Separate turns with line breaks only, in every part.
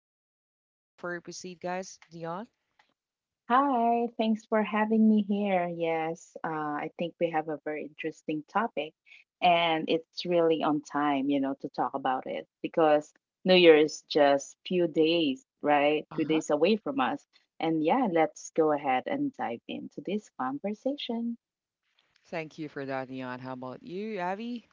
have an introduction before we proceed, guys. Dion?
Hi, thanks for having me here. Yes, I think we have a very interesting topic, and it's really on time, you know, to talk about it because New Year is just few days, right? Few
Uh-huh.
days away from us. And yeah, let's go ahead and dive into this conversation.
Thank you for that, Dion. How about you, Avi?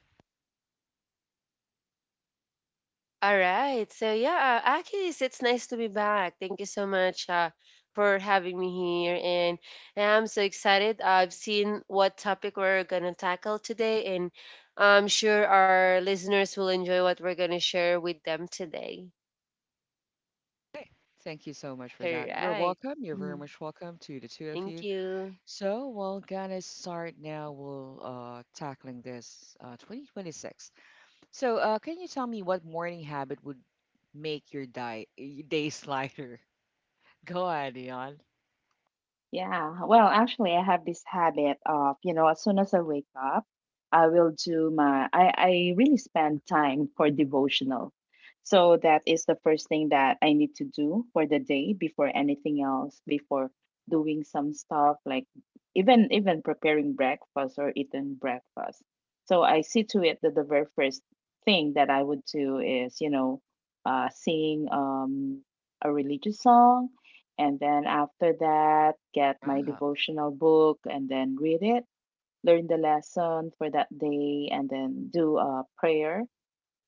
All right. So yeah, Akis, it's nice to be back. Thank you so much for having me here, and I'm so excited. I've seen what topic we're gonna tackle today, and I'm sure our listeners will enjoy what we're gonna share with them today.
Hey, thank you so much for
All
that. You're
right.
welcome. You're very
Mhm.
much welcome to the two of
Thank
you.
you.
So we're gonna start now. We'll tackling this 2026. So can you tell me what morning habit would make your diet your days lighter? Go ahead, Dion.
Yeah, well, actually, I have this habit of, you know, as soon as I wake up, I will do my, I, really spend time for devotional. So that is the first thing that I need to do for the day before anything else, before doing some stuff like even preparing breakfast or eating breakfast. So I see to it that the very first thing that I would do is, you know, sing a religious song, and then after that, get my
Wow.
devotional book and then read it, learn the lesson for that day, and then do a prayer.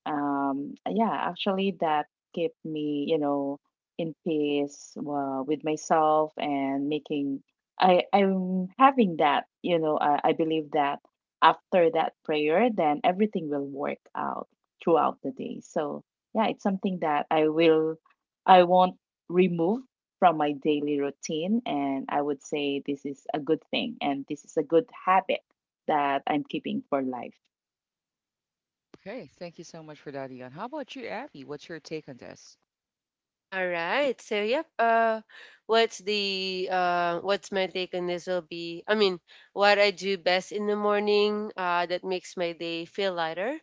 Yeah, actually that kept me, you know, in peace with myself. And making I I'm having that you know I, believe that after that prayer then everything will work out throughout the day. So yeah, it's something that I won't remove from my daily routine, and I would say this is a good thing and this is a good habit that I'm keeping for life.
Okay. Thank you so much for that, Dion. How about you, Abby? What's your take on this?
All right. So yep. What's my take on this will be? I mean, what I do best in the morning that makes my day feel lighter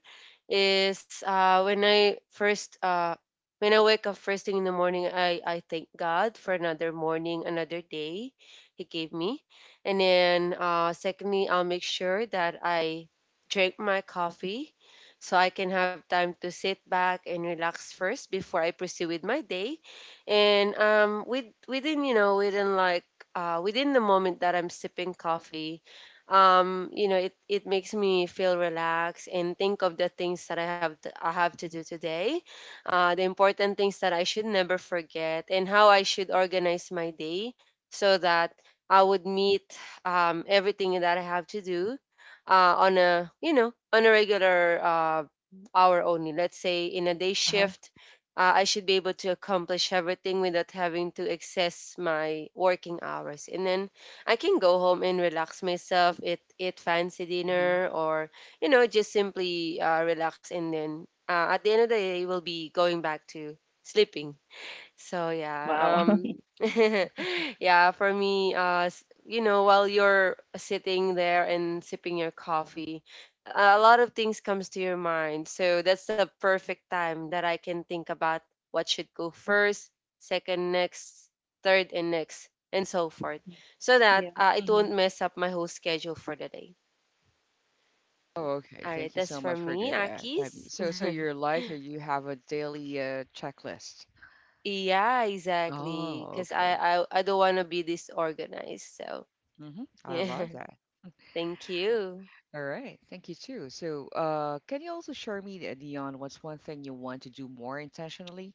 is when I wake up first thing in the morning, I thank God for another morning, another day He gave me, and then secondly, I'll make sure that I drink my coffee so I can have time to sit back and relax first before I pursue with my day. And within you know within like within the moment that I'm sipping coffee, you know it makes me feel relaxed and think of the things that I have to do today, the important things that I should never forget, and how I should organize my day so that I would meet everything that I have to do on a regular hour only, let's say in a day
Uh huh.
shift. I should be able to accomplish everything without having to excess my working hours, and then I can go home and relax myself, eat fancy
Hmm.
dinner or you know just simply relax, and then at the end of the day we'll be going back to sleeping. So
Wow
yeah. Yeah, for me you know, while you're sitting there and sipping your coffee, a lot of things comes to your mind. So that's the perfect time that I can think about what should go first, second next, third and next and so forth. So that it
Hmm.
won't mess up my whole schedule for the day.
Oh, okay.
All right,
Thank you
that's
so
for
much for
me,
that, Abby.
Akis.
So you're like you have a daily checklist.
Yeah, exactly.
Oh,
Cause I
okay.
I, I don't want to be disorganized. So
Mm-hmm. I
yeah.
love that.
Thank you.
All right, thank you too. So, can you also share me, Dion, what's one thing you want to do more intentionally?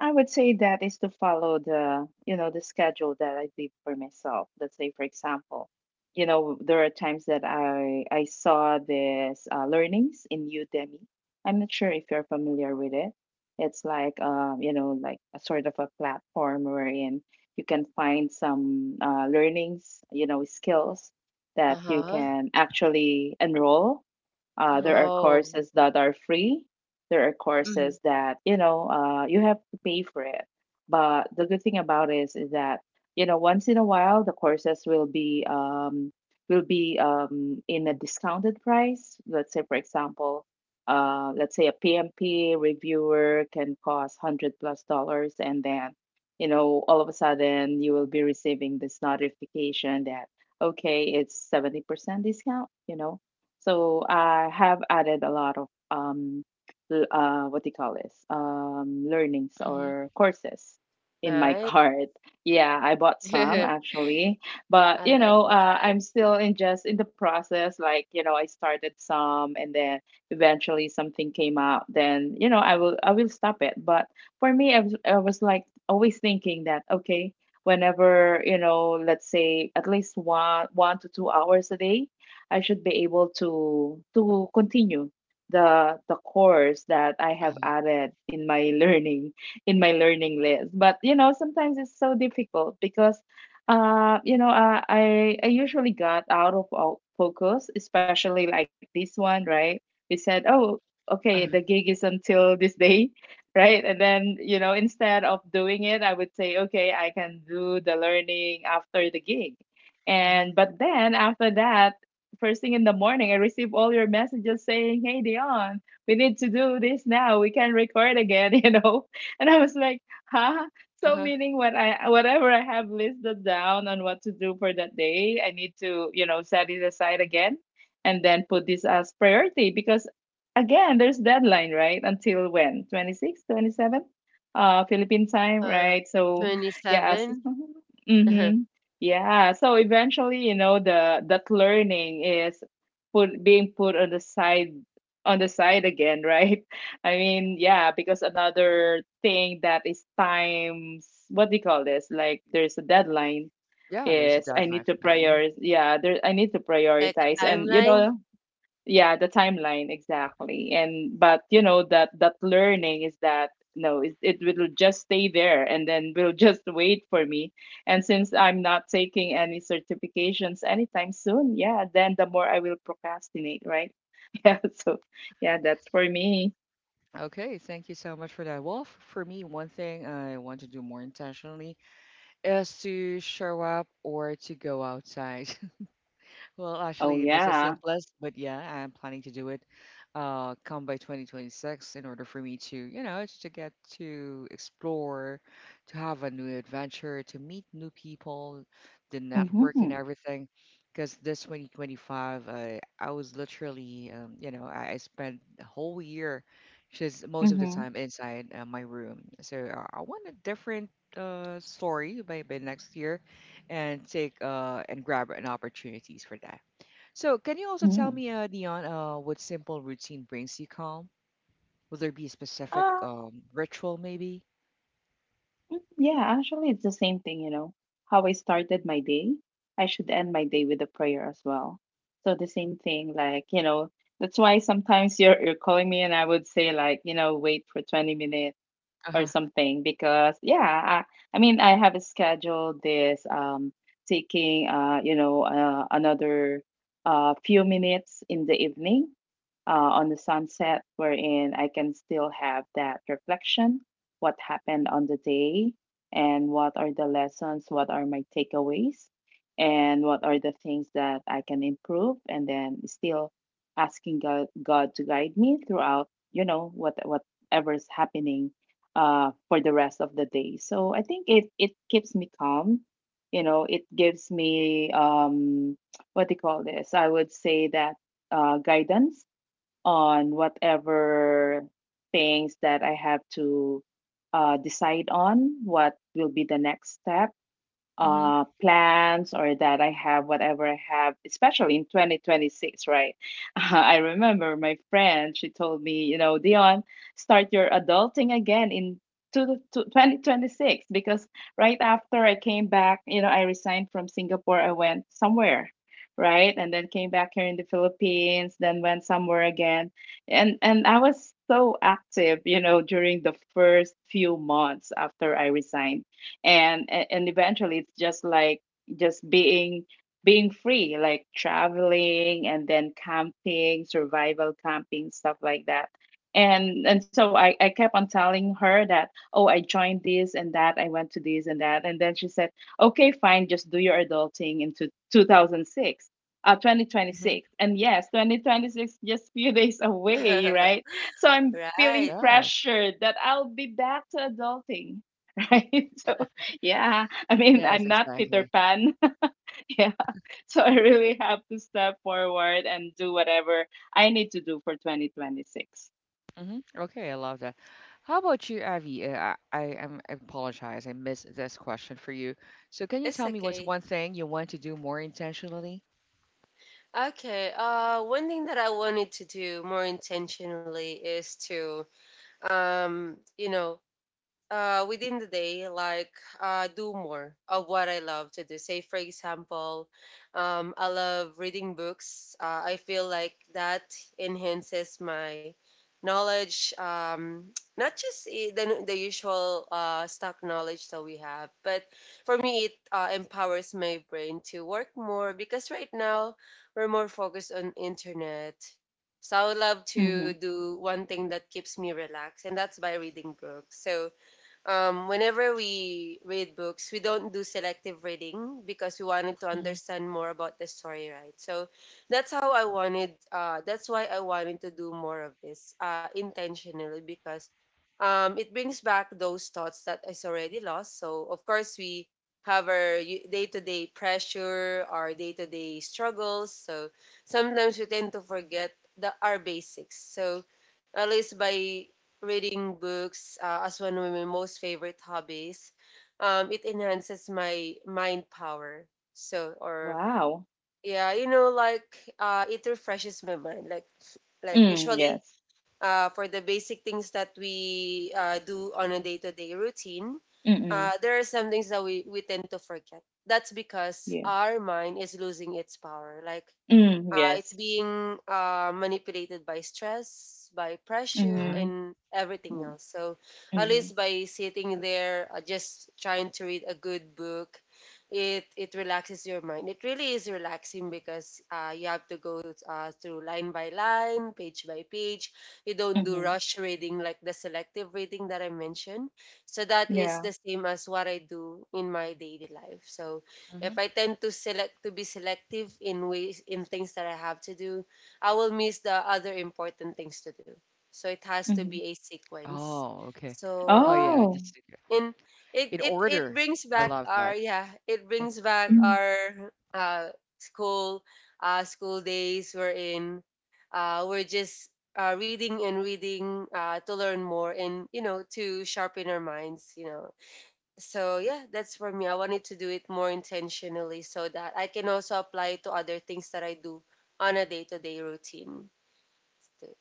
I would say that is to follow, the, you know, the schedule that I did for myself. Let's say, for example, you know, there are times that I saw this learnings in Udemy. I'm not sure if you're familiar with it. It's like, you know, like a sort of a platform wherein you can find some learnings, you know, skills that you
Uh-huh.
can actually enroll.
Mm-hmm,
There are
Oh.
courses that are free, there are
Mhm.
courses that, you know, you have to pay for it. But the good thing about it is that, you know, once in a while the courses will be in a discounted price. Let's say for example, let's say a PMP reviewer can cost hundred plus dollars, and then, you know, all of a sudden you will be receiving this notification that, okay, it's 70% discount, you know. So I have added a lot of what do you call this? Learnings
mm-hmm,
or courses in my
Nice.
cart. Yeah, I bought some actually, but
I
you
like
know,
that.
I'm still in just in the process. Like, you know, I started some, and then eventually something came up. Then, you know, I will stop it. But for me, I was like always thinking that, okay, whenever, you know, let's say at least 1 to 2 hours a day, I should be able to continue the course that I have
uh-huh,
added in my learning, in my learning list. But you know, sometimes it's so difficult because I usually got out of all focus, especially like this one, right? We said, oh, okay, the
uh-huh,
gig is until this day, right? And then, you know, instead of doing it, I would say, okay, I can do the learning after the gig.
mm-hmm,
And but then after that, first thing in the morning, I receive all your messages saying, "Hey, Dion, we need to do this now. We can record again," you know. And I was like, "Huh?" So
uh-huh,
meaning whatever I have listed down on what to do for that day, I need to, you know, set it aside again, and then put this as priority because again, there's deadline right until when, 26, 27, Philippine time,
Uh,
right? So
hmm.
yes.
27.
Yeah, so eventually, you know, the that learning is put being put on the side, again, right? I mean, yeah, because another thing that is times, what do you call this? Like there's a deadline
Yeah, there's a
is I need
deadline
to
for that. Hmm.
prioritize. Yeah, there I need to
Like a
prioritize, and you
timeline.
know, yeah, the timeline exactly. And but you know that learning is that no, it, it will just stay there and then will just wait for me, and since I'm not taking any certifications anytime soon, yeah, then the more I will procrastinate, right? Yeah, so yeah, that's for me.
Okay, thank you so much for that. Well, for me, one thing I want to do more intentionally is to show up or to go outside. Well,
Oh
actually, that's the
yeah.
simplest, but yeah, I'm planning to do it come by 2026 in order for me to, you know, to get to explore, to have a new adventure, to meet new people, the network
Mm-hmm,
and everything. Because this 2025, I was literally, you know, I spent the whole year just most of the
mm-hmm,
time inside my room. So I want a different story by next year and take and grab an opportunities for that. So, can you also tell
mm-hmm.
me, Dion, what simple routine brings you calm? Will there be a specific ritual, maybe?
Mm, yeah, actually, it's the same thing, you know. How I started my day, I should end my day with a prayer as well. So the same thing, like, you know, that's why sometimes you're calling me and I would say like, you know, wait for 20 minutes
Uh
or
huh.
something because yeah, I mean I have scheduled this taking another few minutes in the evening, on the sunset, wherein I can still have that reflection, what happened on the day, and what are the lessons, what are my takeaways, and what are the things that I can improve, and then still asking God to guide me throughout, you know, what whatever's happening for the rest of the day. So I think it, it keeps me calm. You know, it gives me what do you call this? I would say that guidance on whatever things that I have to decide on. What will be the next step?
Mm-hmm.
Uh, plans or that I have, whatever I have, especially in 2026, right? I remember my friend, she told me, you know, Dion, start your adulting again in to the to 2026, because right after I came back, you know, I resigned from Singapore, I went somewhere, right? And then came back here in the Philippines, then went somewhere again. And I was so active, you know, during the first few months after I resigned, and a- and eventually it's just like just being free, like traveling and then camping, survival camping, stuff like that. And So I, kept on telling her that oh, I joined this and that, I went to this and that, and then she said, okay fine, just do your adulting into 2006,
Mm-hmm.
2026. And yes, 2026, just few days away, right? So I'm
Right.
feeling
Yes.
pressured that I'll be back to adulting, right? So yeah, I mean,
Yes,
I'm not Peter
exactly.
Pan. Yeah. So I really have to step forward and do whatever I need to do for 2026.
Mm-hmm. Okay, I love that. How about you, Avi? I apologize. I missed this question for you. So, can you
It's
tell me what's
okay.
one thing you want to do more intentionally?
Okay. One thing that I wanted to do more intentionally is to, you know, within the day, like do more of what I love to do. Say, for example, I love reading books. I feel like that enhances my knowledge, not just the usual stock knowledge that we have, but for me, it empowers my brain to work more because right now we're more focused on internet. So I would love to
Mm-hmm.
do one thing that keeps me relaxed, and that's by reading books. So whenever we read books, we don't do selective reading because we wanted to
Mm-hmm.
understand more about the story, right? So that's why I wanted to do more of this intentionally because it brings back those thoughts that is already lost. So, of course, we have our day to day pressure, our day to day struggles. So, sometimes we tend to forget our basics. So, at least by reading books as one of my most favorite hobbies. It enhances my mind power. So, or
Wow.
yeah, you know, like it refreshes my mind. Like
Mm,
usually,
yes.
for the basic things that we do on a day-to-day routine,
Mm-mm.
there are some things that we tend to forget. That's because
Yeah.
our mind is losing its power. Like
Mm,
it's
yes.
being manipulated by stress, by pressure,
Uh-huh.
Mm-hmm.
and everything else.
Mm,
So, at least
mm-hmm.
by sitting there, just trying to read a good book, it relaxes your mind. It really is relaxing because you have to go through line by line, page by page. You don't do
Mm-hmm.
rush reading like the selective reading that I mentioned. So that is the
Yeah.
same as what I do in my daily life. So if
Mm-hmm.
I tend to select to be selective in ways in things that I have to do, I will miss the other important things to do. So it has to be
Mm-hmm.
a sequence.
Oh, okay.
So
Oh,
yeah.
yeah.
Oh.
Just
And
in
it
order.
brings back
I love
our
that.
it brings back
Mm-hmm.
our school school days we're in we're just reading and reading to learn more and you know to sharpen our minds, you know. So yeah, that's for me. I wanted to do it more intentionally so that I can also apply it to other things that I do on a day-to-day routine.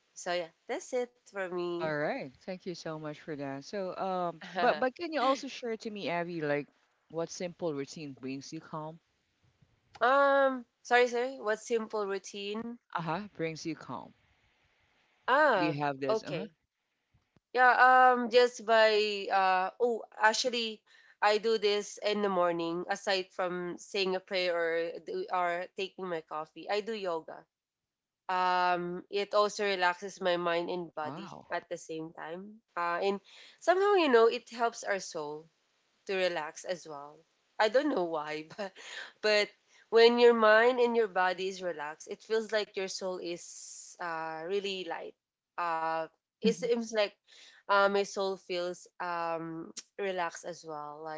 So yeah, that's it for me.
All right. Thank you so much for that. So, but can you also share to me, Abby, like what simple routine brings you calm?
Sorry, what simple routine?
Uh-huh, brings you calm. Do
Ah,
you have this?
okay.
Uh-huh.
Yeah, just by actually, I do this in the morning aside from saying a prayer or taking my coffee, I do yoga. Um, it also relaxes my mind and body
Wow.
at the same time, and somehow you know it helps our soul to relax as well. I don't know why but but when your mind and your body is relaxed, it feels like your soul is really light. Uh it seems like my soul feels relaxed as well. Like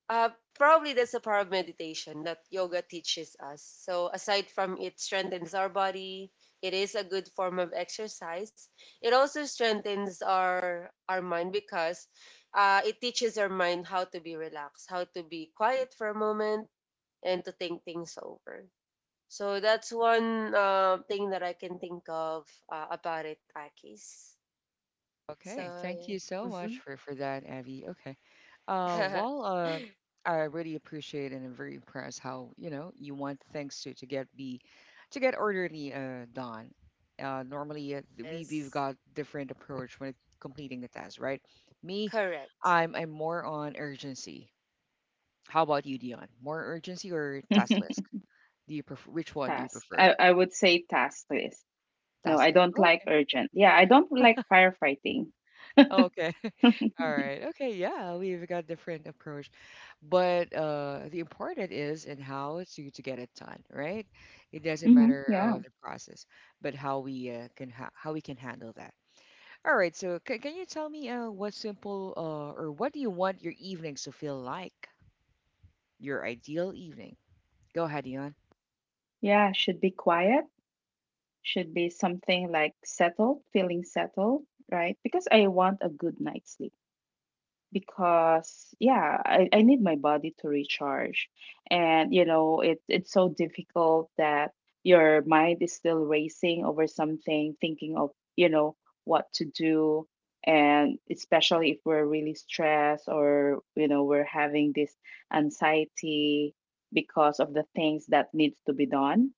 uh, probably that's the power of meditation that yoga teaches us. So, aside from it strengthens our body, it is a good form of exercise. It also strengthens our mind because it teaches our mind how to be relaxed, how to be quiet for a moment, and to think things over. So that's one thing that I can think of about it, Akis. So,
Okay. Thank you so
yeah.
much for that, Abby. Okay. Uh,
Mhm.
well, uh, I really appreciate and I'm very impressed how, you know, you want things to get be to get orderly done. Normally, we we've
Yes,
got different approach when completing the task, right? Me,
correct,
I'm more on urgency. How about you, Dion? More urgency or task list? Do you prefer which one do you
Task.
prefer?
I would say task list. No,
Task
I
list.
don't like
Okay.
urgent. Yeah, I don't like firefighting.
Okay. All right. Okay. Yeah, we've got different approach, but the important is in how to get it done, right? It doesn't
Mm-hmm.
matter
Yeah.
the process, but how we how we can handle that. All right. So can you tell me what simple or what do you want your evenings to feel like? Your ideal evening. Go ahead, Dion.
Yeah. Should be quiet, should be something like settled, feeling settled, right? Because I want a good night's sleep, because yeah, I need my body to recharge. And you know, it, it's so difficult that your mind is still racing over something, thinking of, you know, what to do, and especially if we're really stressed, or you know, we're having this anxiety because of the things that needs to be done.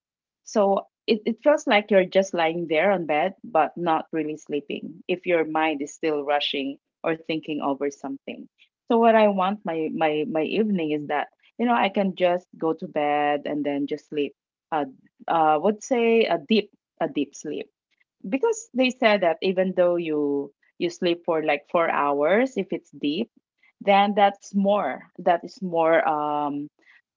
So it feels like you're just lying there on bed but not really sleeping if your mind is still rushing or thinking over something. So what I want my evening is that, you know, I can just go to bed and then just sleep. Uh, would say a deep, a deep sleep, because they said that even though you, sleep for like 4 hours, if it's deep, then that is more,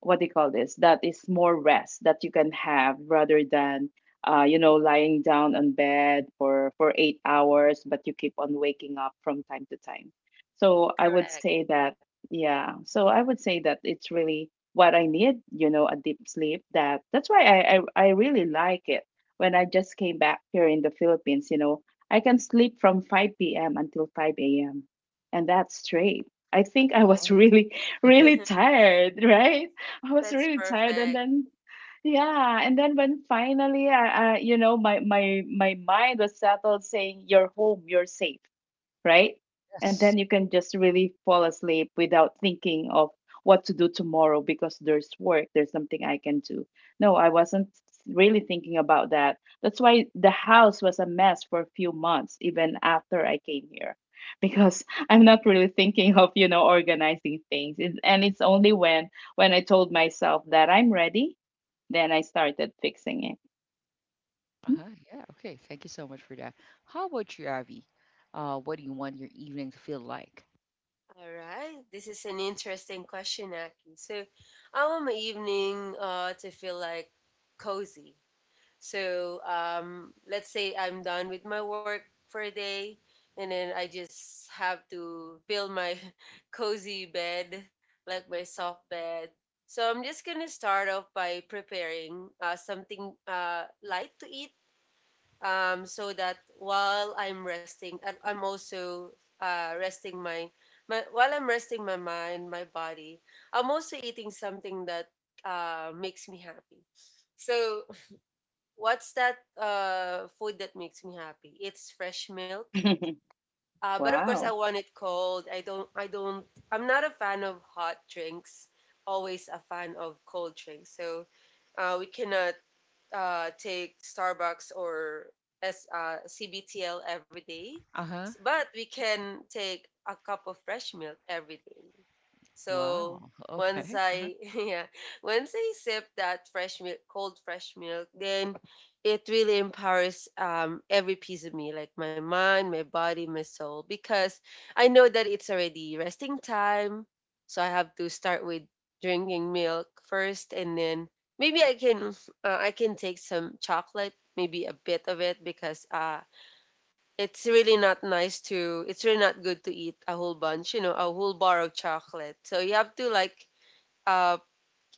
what do you call this that is more rest that you can have rather than you know, lying down on bed for 8 hours but you keep on waking up from time to time. So I would
correct.
say that, yeah, so I would say that it's really what I need, you know, a deep sleep. That that's why I really like it when I just came back here in the Philippines, you know, I can sleep from 5 p.m. until 5 a.m. And that's straight. I think I
Oh,
was really, really tired, right? I was
That's
really tired. And
perfect.
then, yeah. And then when finally, I, you know, my mind was settled saying, you're home, you're safe, right? And
yes.
then you can just really fall asleep without thinking of what to do tomorrow, because there's work, there's something I can do. No, I wasn't really thinking about that. That's why the house was a mess for a few months, even after I came here, because I'm not really thinking of, you know, organizing things. It, and it's only when I told myself that I'm ready, then I started fixing it. Mm.
Uh-huh. Yeah. Okay. Thank you so much for that. How about you, Avi? What do you want your evening to feel like?
All right. This is an interesting question, Aki. So, I want my evening to feel like cozy. So, let's say I'm done with my work for a day, and then I just have to build my cozy bed, like my soft bed. So, I'm just going to start off by preparing something light to eat, so that while I'm resting, I'm also resting my, my while I'm resting my mind, my body. I'm also eating something that makes me happy. So what's that food that makes me happy? It's fresh milk. But of course,
Wow.
I want it cold. I don't. I don't. I'm not a fan of hot drinks. Always a fan of cold drinks. So we cannot take Starbucks or CBTL every day,
Uh-huh.
But we can take a cup of fresh milk every day.
Wow.
So
Okay.
once
Uh-huh.
I yeah, once I sip that fresh milk, cold fresh milk, then it really empowers every piece of me, like my mind, my body, my soul, because I know that it's already resting time, so I have to start with drinking milk first, and then maybe I can take some chocolate, maybe a bit of it, because it's really not good to eat a whole bunch, you know, a whole bar of chocolate. So you have to like uh,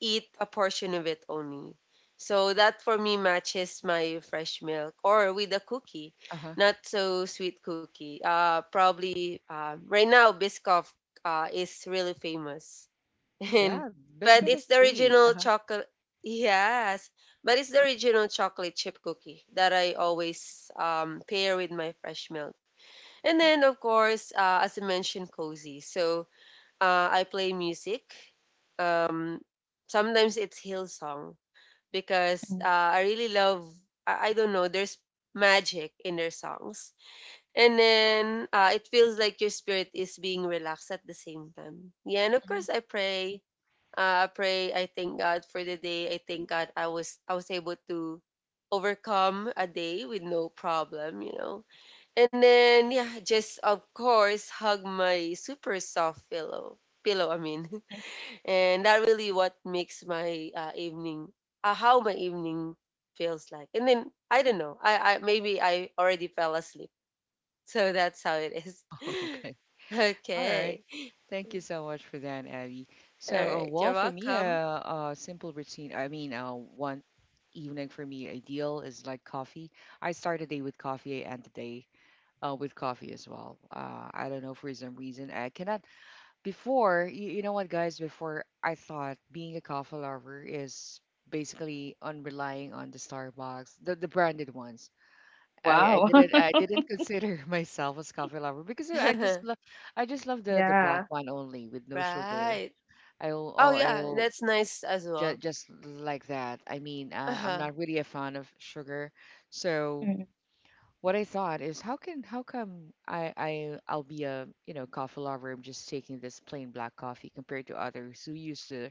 eat a portion of it only. So that for me matches my fresh milk or with a cookie,
Uh-huh.
not so sweet cookie. Probably right now Biscoff is really famous.
Yeah.
And
Mhm.
Biscuit
but
is
it's the
sweet.
original
Uh-huh.
chocolate. Yes, but it's the original chocolate chip cookie that I always pair with my fresh milk. And then, of course, as I mentioned, cozy. So I play music. Um, sometimes it's Hillsong because
Mm.
I really love. I don't know. There's magic in their songs, and then it feels like your spirit is being relaxed at the same time. Yeah, and of
Mhm.
course, I pray. I thank God for the day. I thank God I was able to overcome a day with no problem, you know. And then yeah, just of course hug my super soft pillow. Pillow, I mean. And that really what makes my evening how my evening feels like. And then I don't know. I maybe I already fell asleep. So that's how it is.
Oh, okay. All right.
Okay.
Thank you so much for that, Abby.
All
So,
right.
well,
You're
for me, a
welcome.
simple routine. I mean, one evening for me, ideal is like coffee. I start the day with coffee. I end the day with coffee as well. I don't know for some reason. I cannot— Before, you know what, guys, before I thought being a coffee lover is basically on relying on the Starbucks, the branded ones. I, I
Wow.
didn't I didn't consider myself as coffee lover because I just love— I just love the black
Yeah.
one only with no sugar.
Right. Oh, yeah,
I'll
that's nice as well.
just like that. I mean, I'm
Uh-huh.
not really a fan of sugar, so
Mm.
what I thought is how can how come I'll be a you know coffee lover. I'm just taking this plain black coffee compared to others who used to,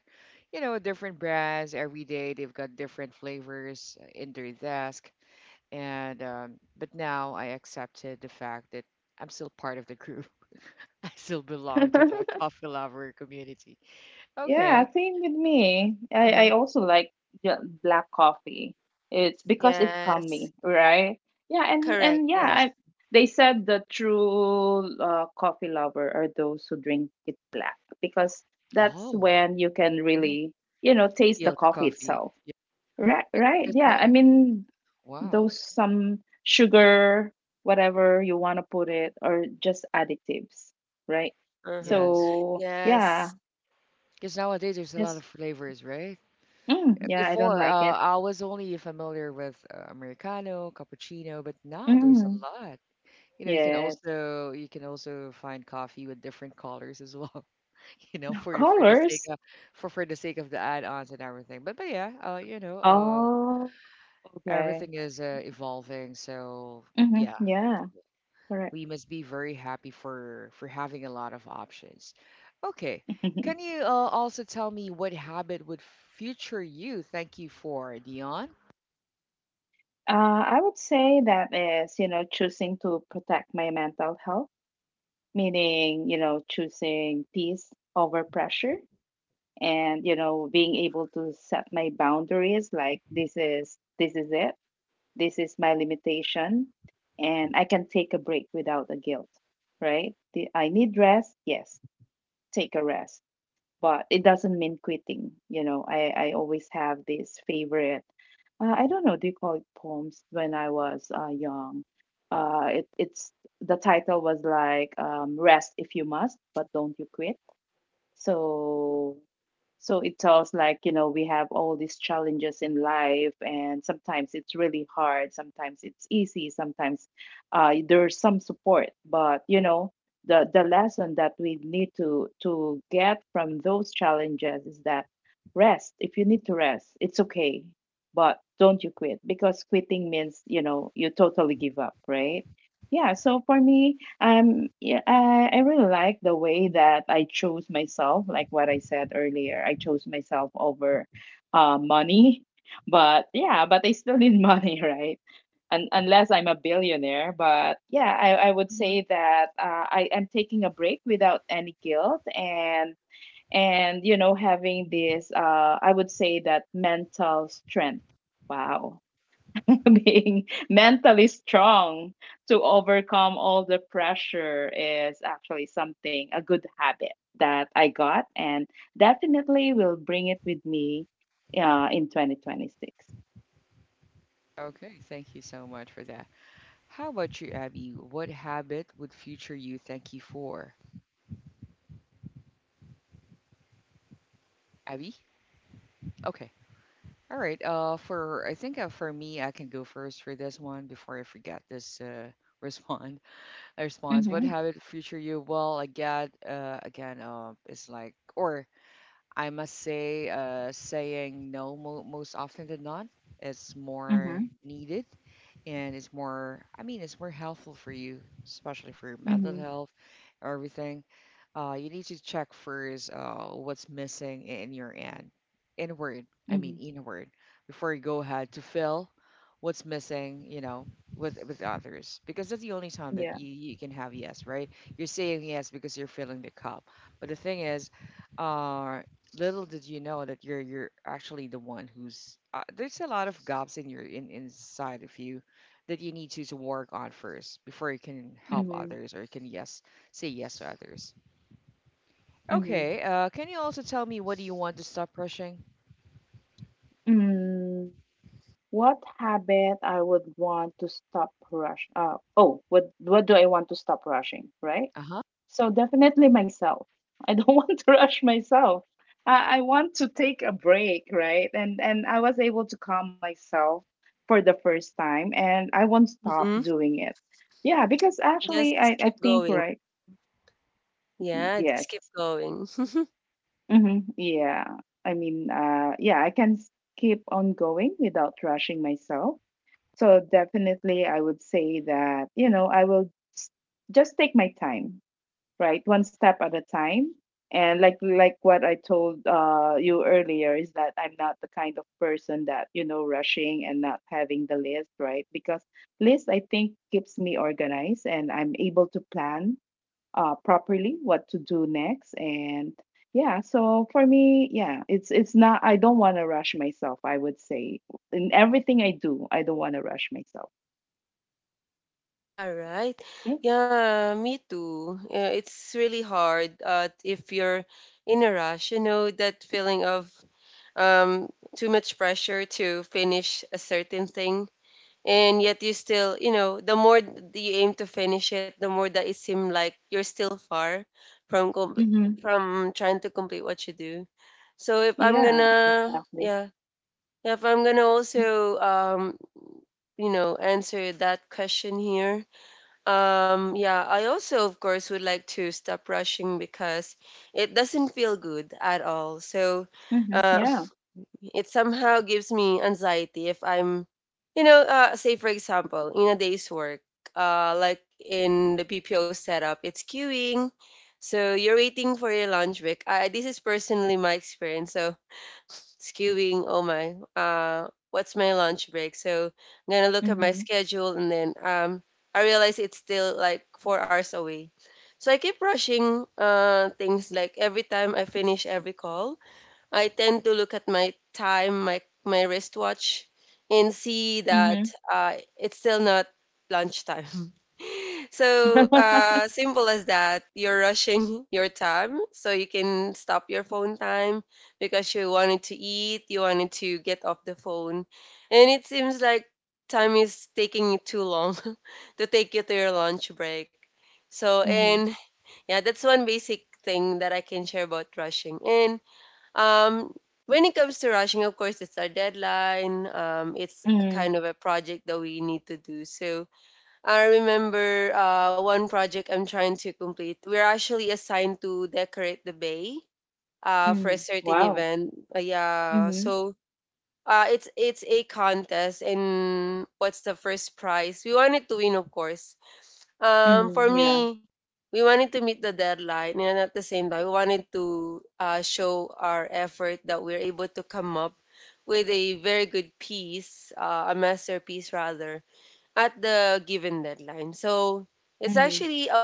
you know, different brands every day. They've got different flavors in their desk, and but now I accepted the fact that I'm still part of the group. I still belong to the coffee lover community. Okay.
Yeah, same with me.
Uh huh.
I also like ju- black coffee. It's because it's calming,
Yes.
right? Yeah, and and
Correct.
yeah,
Yes.
Yes.
I, they said the true coffee lover are those who drink it black because that's
Oh.
when you can
Mhm.
really, you know, taste the
Feel the
coffee
coffee.
itself.
Yeah.
Right,
Yeah.
right.
Because
Yeah, I
no-
mean
wow.
those some sugar, whatever you want to put it, or just additives, right?
Uh-huh.
Yes.
So yeah,
Yes.
Because nowadays there's a lot of
yes.
flavors, right?
Yeah, I don't
Before,
like it.
I was only familiar with Americano, cappuccino, but now there's a
Mm,
lot. You know,
yes.
you can also find coffee with different colors as well. You know,
No
for the sake
colors.
of— for the sake of the add-ons and everything. But yeah,
Oh, okay.
everything is evolving. So yeah,
Yeah, correct.
we must be very happy for having a lot of options. Okay, can you also tell me what habit would future you thank you for, Dion?
Uh, I would say that is, you know, choosing to protect my mental health, meaning, you know, choosing peace over pressure and, you know, being able to set my boundaries like this is it. This is my limitation and I can take a break without the guilt, right? The, I need rest, yes. Take a rest but it doesn't mean quitting. You know, I always have this favorite I don't know, do you call it poems? When I was young it's the title was like rest if you must but don't you quit. So so it tells like, you know, we have all these challenges in life and sometimes it's really hard, sometimes it's easy, sometimes there's some support, but you know, the lesson that we need to get from those challenges is that rest. If you need to rest, it's okay, but don't you quit because quitting means, you know, you totally give up, right? Yeah, so for me, yeah, I really like the way that I chose myself, like what I said earlier. I chose myself over money. But yeah, but I still need money, right? Un unless I'm a billionaire. But yeah, I would
Mhm.
say that I am taking a break without any guilt and you know having this I would say that mental strength. Wow. Being mentally strong to overcome all the pressure is actually something, a good habit that I got and definitely will bring it with me in 2026.
Okay, thank you so much for that. How about you, Abby? What habit would future you thank you for? Abby? Okay. All right. For I think for me, I can go first for this one before I forget this respond response. What
Mm-hmm.
habit future you? Well, I get again it's like or I must say, saying no most often than not is more
Mm-hmm.
needed and it's more, I mean, it's more helpful for you, especially for your mental
Mm-hmm.
health, everything. You need to check first what's missing in your end, inward, I mean,
Mm-hmm.
inward, before you go ahead to fill what's missing, you know. With others because that's the only time that
Yeah.
you can have yes right you're saying yes because you're filling the cup but the thing is uh little did you know that you're actually the one who's there's a lot of gaps in your in inside of you that you need to work on first before you can help
Mm-hmm.
others or you can yes say yes to others.
Mm-hmm.
Okay, can you also tell me what do you want to stop rushing?
Mm, what habit I would want to stop rush? Oh, what do I want to stop rushing? Right?
Uh huh.
So definitely myself. I don't want to rush myself. I want to take a break, right? And I was able to calm myself for the first time and I won't stop
Mm-hmm.
doing it. Yeah, because actually
Just
I,
keep
I think
going.
right
Yeah, just
yes.
keep going.
Mm-hmm. Yeah. I mean yeah, I keep on going without rushing myself. So definitely I would say that, you know, I will just take my time, right? One step at a time. And like what I told you earlier is that I'm not the kind of person that you know rushing and not having the list, right? Because list I think keeps me organized and I'm able to plan properly what to do next. And yeah, so for me, yeah, it's not. I don't want to rush myself. I would say in everything I do, I don't want to rush myself.
All right.
Okay.
Yeah, me too. Yeah, it's really hard if you're in a rush, you know, that feeling of um, too much pressure to finish a certain thing, and yet you still you know the more th- you aim to finish it, the more that it seems like you're still far from compl-
Mhm.
from trying to complete what you do. So if I'm
Yeah,
gonna
exactly.
yeah yeah, if I'm gonna also you know answer that question here. Yeah, I also of course would like to stop rushing because it doesn't feel good at all. So
Mhm.
uh,
Yeah.
it somehow gives me anxiety if I'm, you know, say for example, in a day's work, like in the PPO setup, it's queuing. So you're waiting for your lunch break. I, this is personally my experience. So it's queuing. What's my lunch break? So I'm gonna look at my
Mhm.
schedule, and then I realize it's still like 4 hours away. So I keep rushing things like every time I finish every call, I tend to look at my time, my wristwatch, and see that
Mhm.
it's still not lunchtime. So simple as that. You're rushing your time, so you can stop your phone time, because you wanted to eat, you wanted to get off the phone, and it seems like time is taking you too long to take you to your lunch break. So
Mhm.
and yeah, that's one basic thing that I can share about rushing. And um, when it comes to rushing, of course, it's our deadline. It's a
Mhm.
kind of a project that we need to do. So I remember one project I'm trying to complete. We're actually assigned to decorate the bay for a
Mhm.
certain
Wow.
event. Yeah,
Mhm.
so it's a contest, and what's the first prize? We wanted to win, of course. For
Mhm. Yeah.
me, we wanted to meet the deadline, and at the same time, we wanted to show our effort that we're able to come up with a very good piece, a masterpiece rather, at the given deadline. So it's
Mhm.
actually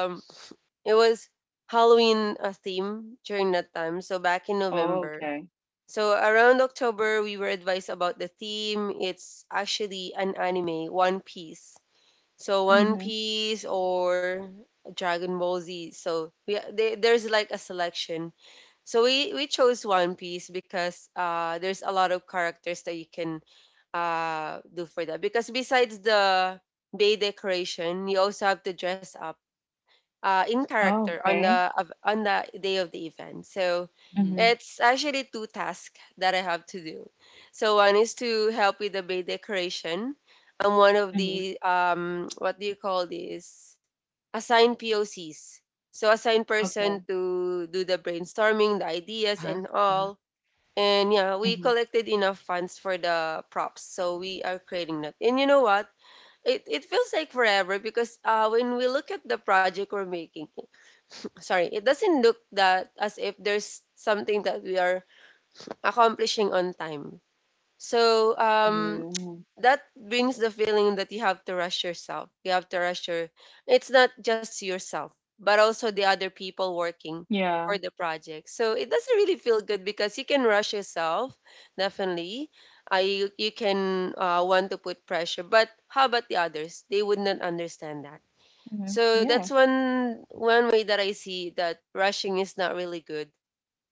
um, it was Halloween theme during that time. So back in
Oh,
November.
okay.
So around October, we were advised about the theme. It's actually an anime, One Piece. So One
Mhm.
Piece or Dragon Ball Z. So we they, there's like a selection. So we chose One Piece because there's a lot of characters that you can do for that, because besides the day decoration, you also have to dress up in
Oh,
character
okay.
on the day of the event. So
Mm-hmm.
Mhm.
it's actually two tasks that I have to do. So one is to help with the bay decoration, and one of
Mhm.
the what do you call this, assigned POCs. So assign person
Okay.
to do the brainstorming, the
Uh
ideas,
huh.
and
Uh huh.
all. And yeah, we
Mhm.
collected enough funds for the props, so we are creating that. And you know what? It feels like forever because when we look at the project we're making, sorry, it doesn't look that as if there's something that we are accomplishing on time. So
Mm.
that brings the feeling that you have to rush yourself. You have to rush your. It's not just yourself, but also the other people working
Yeah.
for the project. So it doesn't really feel good because you can rush yourself, definitely. You can want to put pressure, but how about the others? They would not understand that.
Mhm.
So that's
Yeah.
one way that I see that rushing is not really good.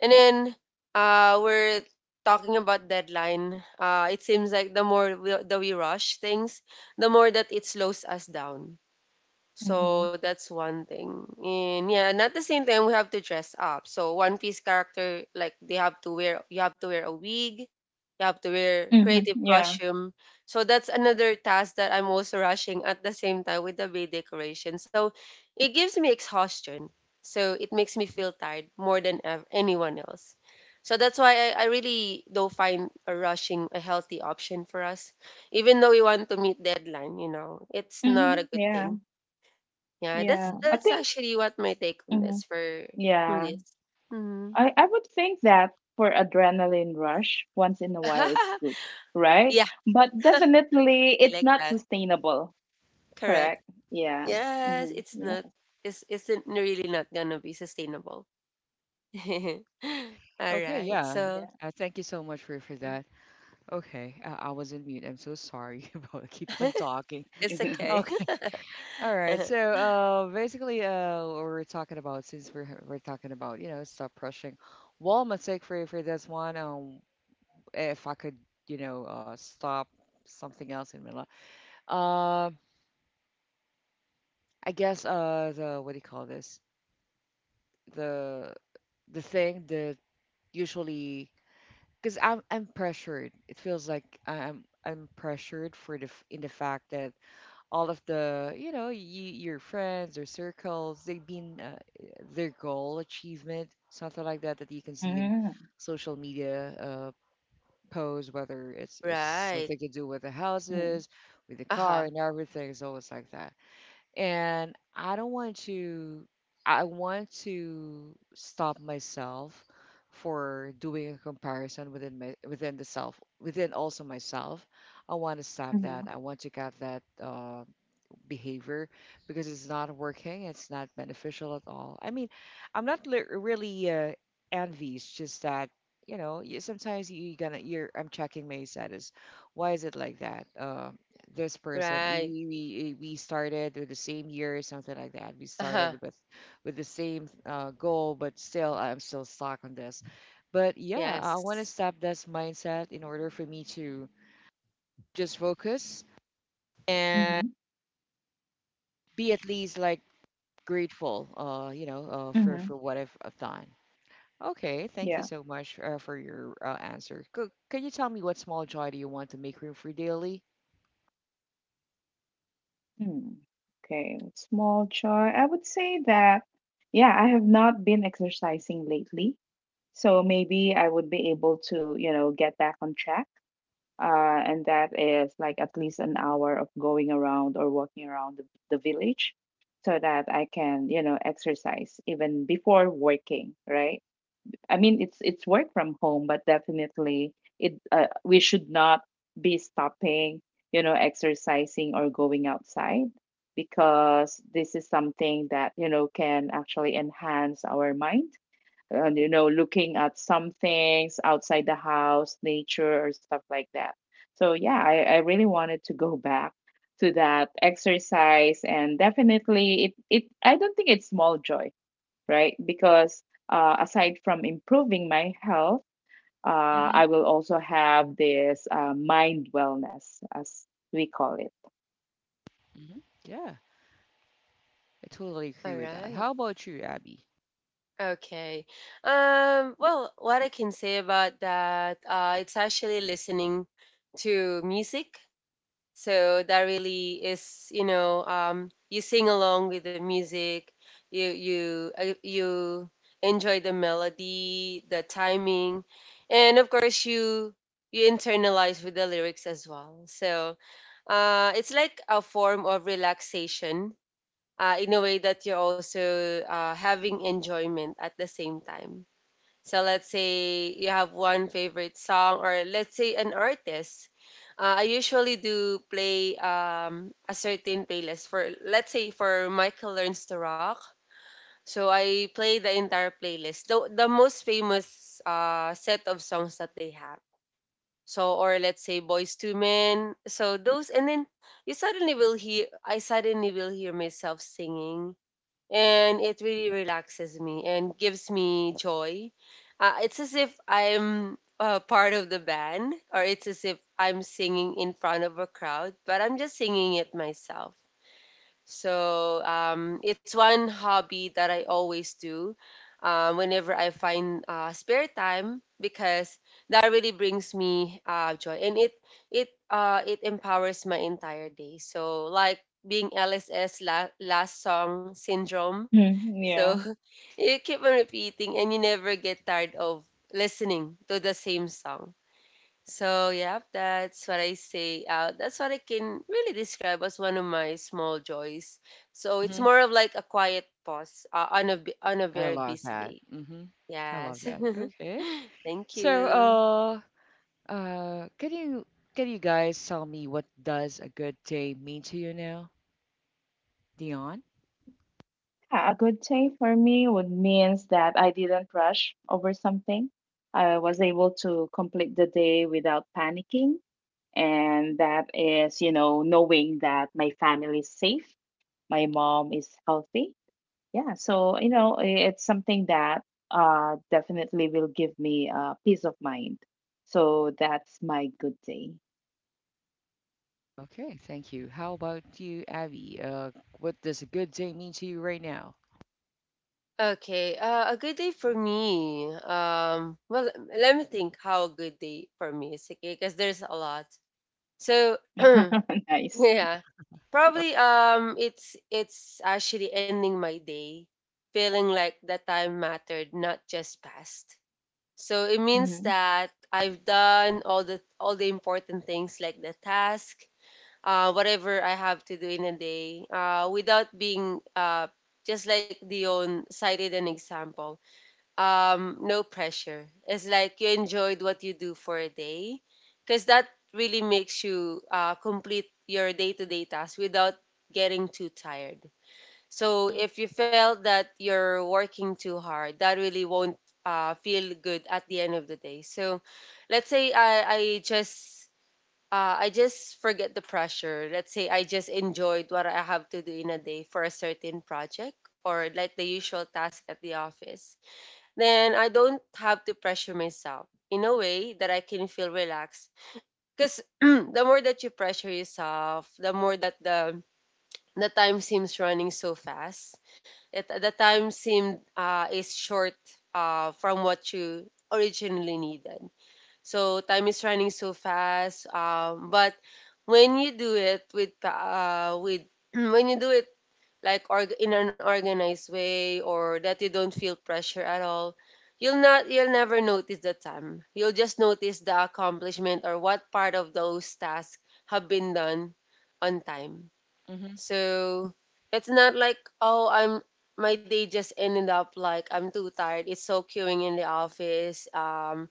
And then we're talking about deadline. It seems like that we rush things, the more that it slows us down. So
Mhm.
that's one thing. And yeah, and at the same time, we have to dress up. So One Piece character, like they have to wear you have to wear a wig, you have to wear
Mhm.
creative
Yeah.
costume. So that's another task that I'm also rushing at the same time with the bay decoration. So it gives me exhaustion. So it makes me feel tired more than anyone else. So that's why I really don't find a rushing a healthy option for us. Even though we want to meet deadline, you know, it's not a
Mhm.
good
Yeah.
thing. Yeah, that's
Yeah,
Mm-hmm.
I
that's
think,
actually what my take on this
mhm,
for on
yeah,
this. Hmm.
I would think that for adrenaline rush, once in a while it's good, right?
Yeah,
But definitely
I
it's
like
not
that.
sustainable,
Correct.
correct? Yeah.
Yes,
Mm-hmm.
it's
Yes.
not. It's isn't really not gonna be sustainable. All
Okay,
right,
yeah.
Yeah.
so
Thank you so much for that. Okay, I was in mute. I'm so sorry about keep on talking.
it's okay.
All right. So, basically, what we're talking about since we're talking about you know stop rushing. Well, mistake for this one, if I could, you know, stop something else in my life, um, I guess the what do you call this? The the thing that usually because I'm pressured. It feels like I'm pressured for the in the fact that all of the you know you, your friends or circles they've been their goal achievement something like that that you can see in
Mm-hmm.
social media posts whether it's
Right.
something to do with the houses with the
Uh
car
huh.
and everything is always like that and I don't want to— I want to stop myself for doing a comparison within my within the self within also myself. I want to stop
Mm-hmm.
that. I want to cut that behavior because it's not working. It's not beneficial at all. I mean, I'm not really envy. It's just that you know you, sometimes you gonna you're I'm checking my status. Why is it like that? This person we,
Right.
we started with the same year or something like that. We
Uh huh.
started with the same goal, but still I'm still stuck on this. But yeah, I want to
Yes.
stop this mindset in order for me to just focus and
Mm-hmm.
be at least like grateful,
Mm-hmm.
for what I've done. Okay, thank you
Yeah.
so much for your answer. Can you tell me what small joy do you want to make room for daily?
Mm. Okay. Small joy. I would say that, yeah, I have not been exercising lately. So maybe I would be able to, you know, get back on track and that is like at least an hour of going around or walking around the village so that I can, you know, exercise even before working, right? I mean, it's work from home, but definitely it we should not be stopping, you know, exercising or going outside because this is something that, you know, can actually enhance our mind and you know looking at some things outside the house nature or stuff like that. So yeah, I really wanted to go back to that exercise, and definitely it, it I don't think it's small joy, right? Because aside from improving my health uh,
Hmm.
I will also have this mind wellness as we call it.
Hmm. Yeah, I totally
All
agree with that.
right.
How about you, Abby?
Okay. Well, what I can say about that, it's actually listening to music. So that really is, you know, you sing along with the music, you enjoy the melody, the timing, and of course you internalize with the lyrics as well. So it's like a form of relaxation in a way that you're also having enjoyment at the same time. So let's say you have one favorite song, or let's say an artist. I usually do play a certain playlist for, let's say, for Michael Learns to Rock. So I play the entire playlist, the most famous set of songs that they have. So, or let's say Boys to Men. So those, and then you suddenly will hear, I suddenly will hear myself singing, and it really relaxes me and gives me joy. It's as if I'm part of the band, or it's as if I'm singing in front of a crowd, but I'm just singing it myself. So it's one hobby that I always do whenever I find spare time because that really brings me joy, and it empowers my entire day. So like being LSS, last song syndrome.
Mm,
So
yeah.
you keep on repeating and you never get tired of listening to the same song. So, yeah, that's what I say. That's what I can really describe as one of my small joys. So, it's
Hmm.
more of like a quiet pause on a on a
I
very
love
busy day.
that. Hmm. I love
Yes.
that. Okay.
Thank
So,
you.
uh, can you can you guys tell me what does a good day mean to you now, Dion?
Yeah, a good day for me would means that I didn't rush over something. I was able to complete the day without panicking, and that is, you know, knowing that my family is safe, my mom is healthy. Yeah, so you know, it's something that definitely will give me peace of mind. So that's my good day.
Okay, thank you. How about you, Abby? What does a good day mean to you right now?
Okay, a good day for me. Well, let me think how a good day for me is, okay? Because there's a lot. So,
Nice.
yeah. Probably it's actually ending my day feeling like that time mattered, not just past. So it means
Mm-hmm.
that I've done all the important things, like the task, whatever I have to do in a day, without being just like Dion cited an example, no pressure. It's like you enjoyed what you do for a day, because that really makes you complete your day-to-day tasks without getting too tired. So if you felt that you're working too hard, that really won't feel good at the end of the day. So let's say I just forget the pressure. Let's say I just enjoyed what I have to do in a day for a certain project, or like the usual task at the office, then I don't have to pressure myself, in a way that I can feel relaxed. Because the more that you pressure yourself, the more that the time seems running so fast. It, the time seemed is short from what you originally needed. So time is running so fast. But when you do it with with when you do it like in an organized way, or that you don't feel pressure at all, you'll never notice the time. You'll just notice the accomplishment or what part of those tasks have been done on time.
Mhm.
So it's not like oh I'm my day just ended up like I'm too tired. It's so queuing in the office. Um,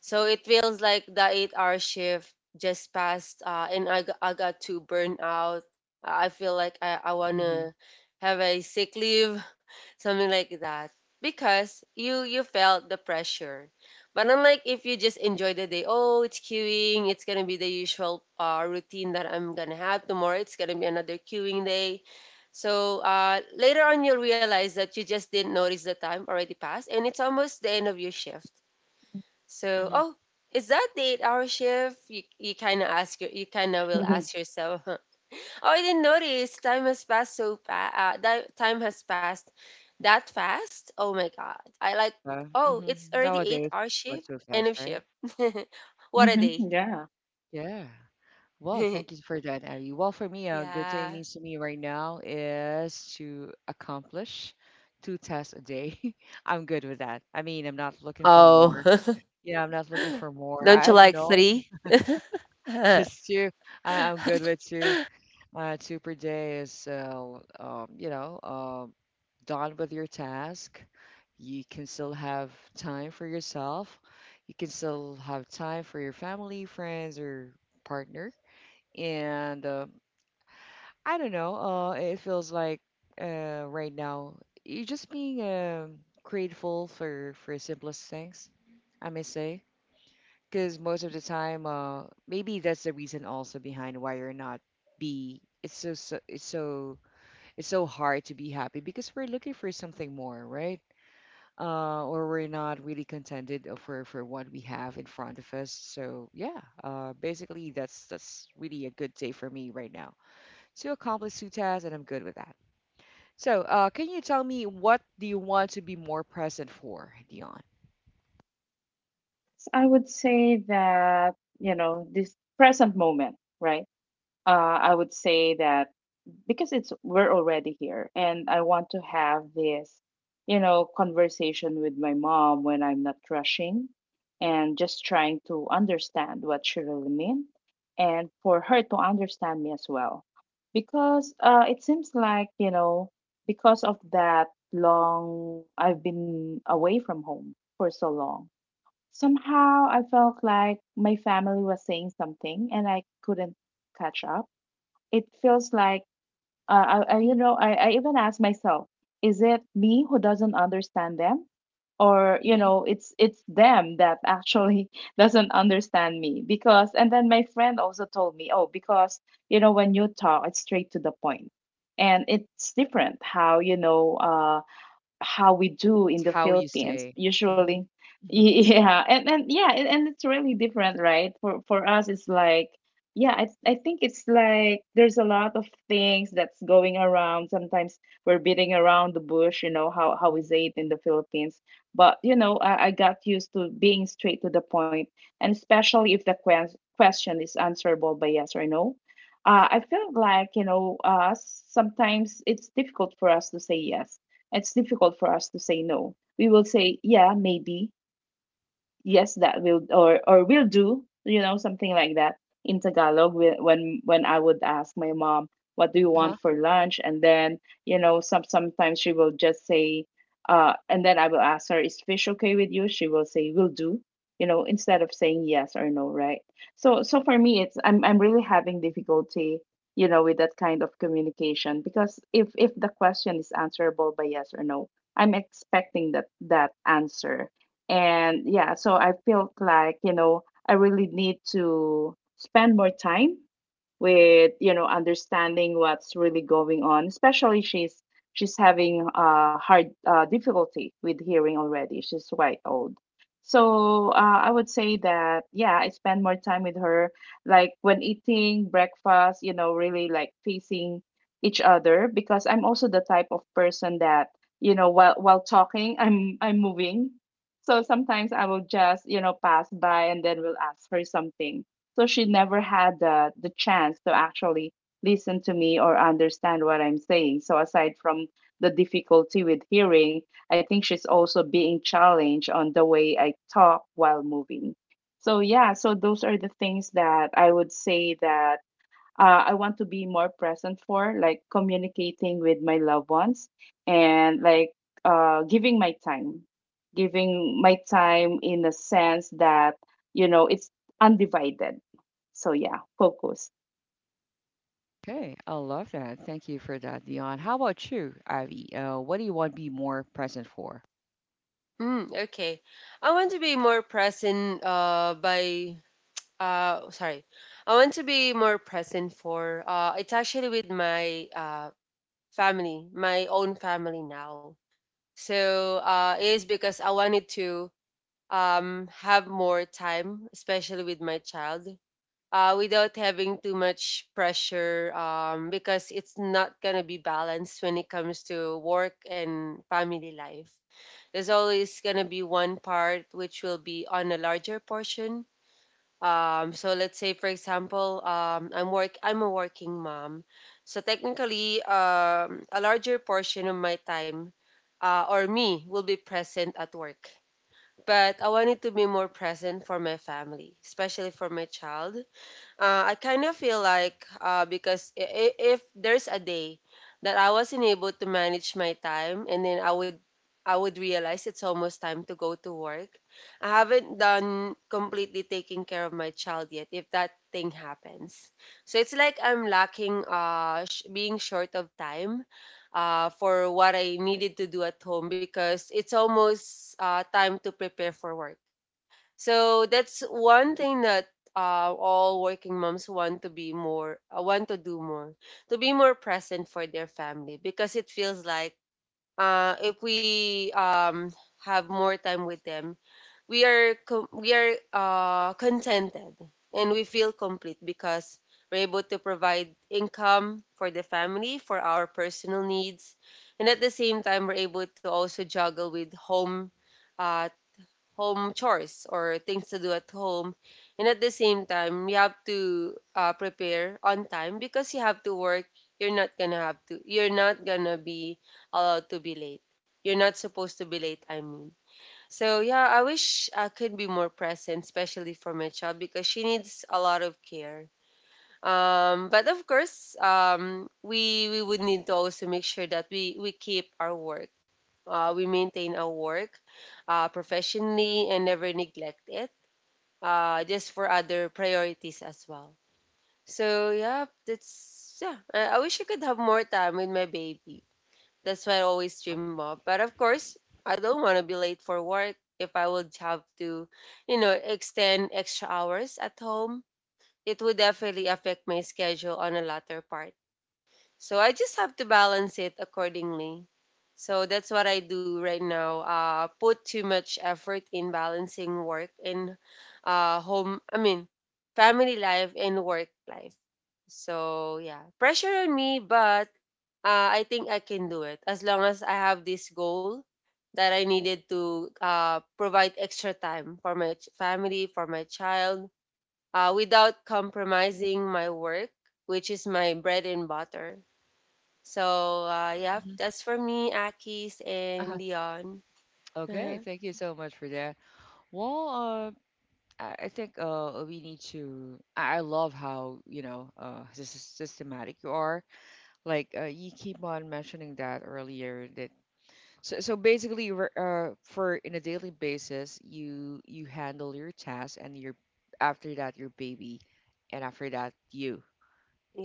so it feels like the 8 hour shift just passed, and I got to burn out. I feel like I want
Mhm.
to have a sick leave, something like that. Because you felt the pressure. But unlike if you just enjoy the day, oh, it's queuing, it's going to be the usual routine that I'm going to have tomorrow, it's going to be another queuing day. So later on, you'll realize that you just didn't notice the time already passed, and it's almost the end of your shift. So,
Mhm.
oh, is that the 8 hour shift? You kind of ask your, you kind of will ask yourself, huh? Oh, I didn't notice. Time has passed so fast. That time has passed that fast. Oh my God. I like,
Yeah.
oh,
Hmm.
it's already eight
Nowadays,
hour
went
shift,
so
end
fast,
of
right?
shift. What a day.
Mm-hmm. Yeah.
Yeah. Well, thank you for that, Abby. Well, for me, a good day
Yeah.
means to me right now is to accomplish two tasks a day. I'm good with that. I mean, I'm not looking for
Oh,
more. Yeah, I'm not looking for more.
don't
I
you
don't
like
know.
three?
Just two. I'm good with two. Two per day is, Done with your task. You can still have time for yourself. You can still have time for your family, friends, or partner. And I don't know, it feels like right now you're just being grateful for simplest things, I may say. Because most of the time, maybe that's the reason also behind why you're not be. It's so, so it's so it's so hard to be happy because we're looking for something more, right? Or we're not really contented for what we have in front of us. So yeah, basically that's really a good day for me right now. Two accomplished two tasks, and I'm good with that. So can you tell me what do you want to be more present for, Dion?
So I would say that, you know, this present moment, right? I would say that because it's we're already here and I want to have this, you know, conversation with my mom when I'm not rushing and just trying to understand what she really meant and for her to understand me as well. Because it seems like, you know, because of that long, I've been away from home for so long. Somehow I felt like my family was saying something and I couldn't catch up. It feels like, you
Hmm.
know, I even asked myself, is it me who doesn't understand them? Or, you
Hmm.
know, it's them that actually doesn't understand me. Because and then my friend also told me, oh, because, you know, when you talk, it's straight to the point. And it's different how, you know, how we do in the
How you
Philippines
say? Hmm.
usually.
Hmm.
And it's really different, right? For us, it's like yeah, I think it's like there's a lot of things that's going around. Sometimes we're beating around the bush, you know how we say it in the Philippines. But you know, I got used to being straight to the point, and especially if the question is answerable by yes or no. I feel like you know, sometimes it's difficult for us to say yes, it's difficult for us to say no. We will say, yeah, maybe, yes that will or will do, you know, something like that in tagalog when I would ask my mom what do you want
Huh?
for lunch, and then you know some sometimes she will just say and then I will ask her is fish okay with you, she will say will do, you know, instead of saying yes or no, right? So so for me it's I'm really having difficulty, you know, with that kind of communication, because if the question is answerable by yes or no, I'm expecting that that answer. And yeah, so I felt like, you know, I really need to spend more time with you know understanding what's really going on, especially she's having hard difficulty with hearing already, she's quite old. So I would say that yeah I spend more time with her, like when eating breakfast, you know, really like facing each other, because I'm also the type of person that you know while talking I'm moving, so sometimes I will just you know pass by and then will ask her something, so she never had the chance to actually listen to me or understand what I'm saying. So aside from the difficulty with hearing, I think she's also being challenged on the way I talk while moving. So yeah, so those are the things that I would say that I want to be more present for, like communicating with my loved ones and like uh, giving my time, giving my time in a sense that, you know, it's undivided. So, yeah, focused.
Okay, I love that. Thank you for that, Dion. How about you, Avi? What do you want to be more present for?
Mm, okay. I want to be more present by sorry I want to be more present for it's actually with my family, my own family now. So it is because I wanted to have more time, especially with my child, without having too much pressure, because it's not gonna be balanced when it comes to work and family life. There's always gonna be one part which will be on a larger portion. So let's say, for example, I'm work I'm a working mom, so technically, a larger portion of my time, or me, will be present at work. But I wanted to be more present for my family, especially for my child. I kind of feel like, if there's a day that I wasn't able to manage my time, and then I would, I would realize it's almost time to go to work. I haven't done completely taking care of my child yet. If that thing happens, so it's like I'm lacking, being short of time, for what I needed to do at home because it's almost, time to prepare for work. So that's one thing that, all working moms want to be more, want to do more, to be more present for their family, because it feels like, if we, have more time with them, we are contented and we feel complete, because we're able to provide income for the family, for our personal needs, and at the same time we're able to also juggle with home, uh, home chores or things to do at home. And at the same time, you have to, prepare on time because you have to work. You're not gonna have to. You're not gonna be allowed to be late. You're not supposed to be late, I mean. So yeah, I wish I could be more present, especially for my child, because she needs a lot of care. But of course, we would need to also make sure that we keep our work. We maintain our work professionally and never neglect it, just for other priorities as well. So yeah, that's, yeah. I wish I could have more time with my baby. That's why I always
Huh?
dream of. But of course, I don't want to be late for work. If I would have to, extend extra hours at home, it would definitely affect my schedule on a latter part. So I just have to balance it accordingly. So that's what I do right now. Put too much effort in balancing work and, home, I mean, family life and work life. So yeah, pressure on me, but I think I can do it as long as I have this goal that I needed to, provide extra time for my family, for my child, without compromising my work, which is my bread and butter. So, yeah,
Hmm.
that's for me, Akis and
Uh-huh.
Dion. Uh-huh.
Okay, thank you so much for that. Well, I think we need to. I love how you know this is systematic you are. Like you keep on mentioning that earlier. So basically, you were, for in a daily basis, you handle your tasks and your, after that your baby, and after that you.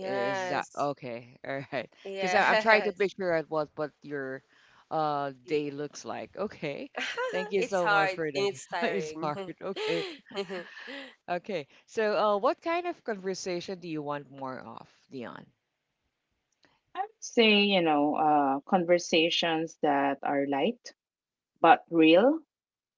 Is that okay? All right. Because I'm trying to
yes.
picture at what your day looks like. Okay. Thank you
It's
so much
hard
for that.
and it's
It's
tiring.
hard. Okay. Okay. So, what kind of conversation do you want more of, Dion?
I would say, you know, conversations that are light but real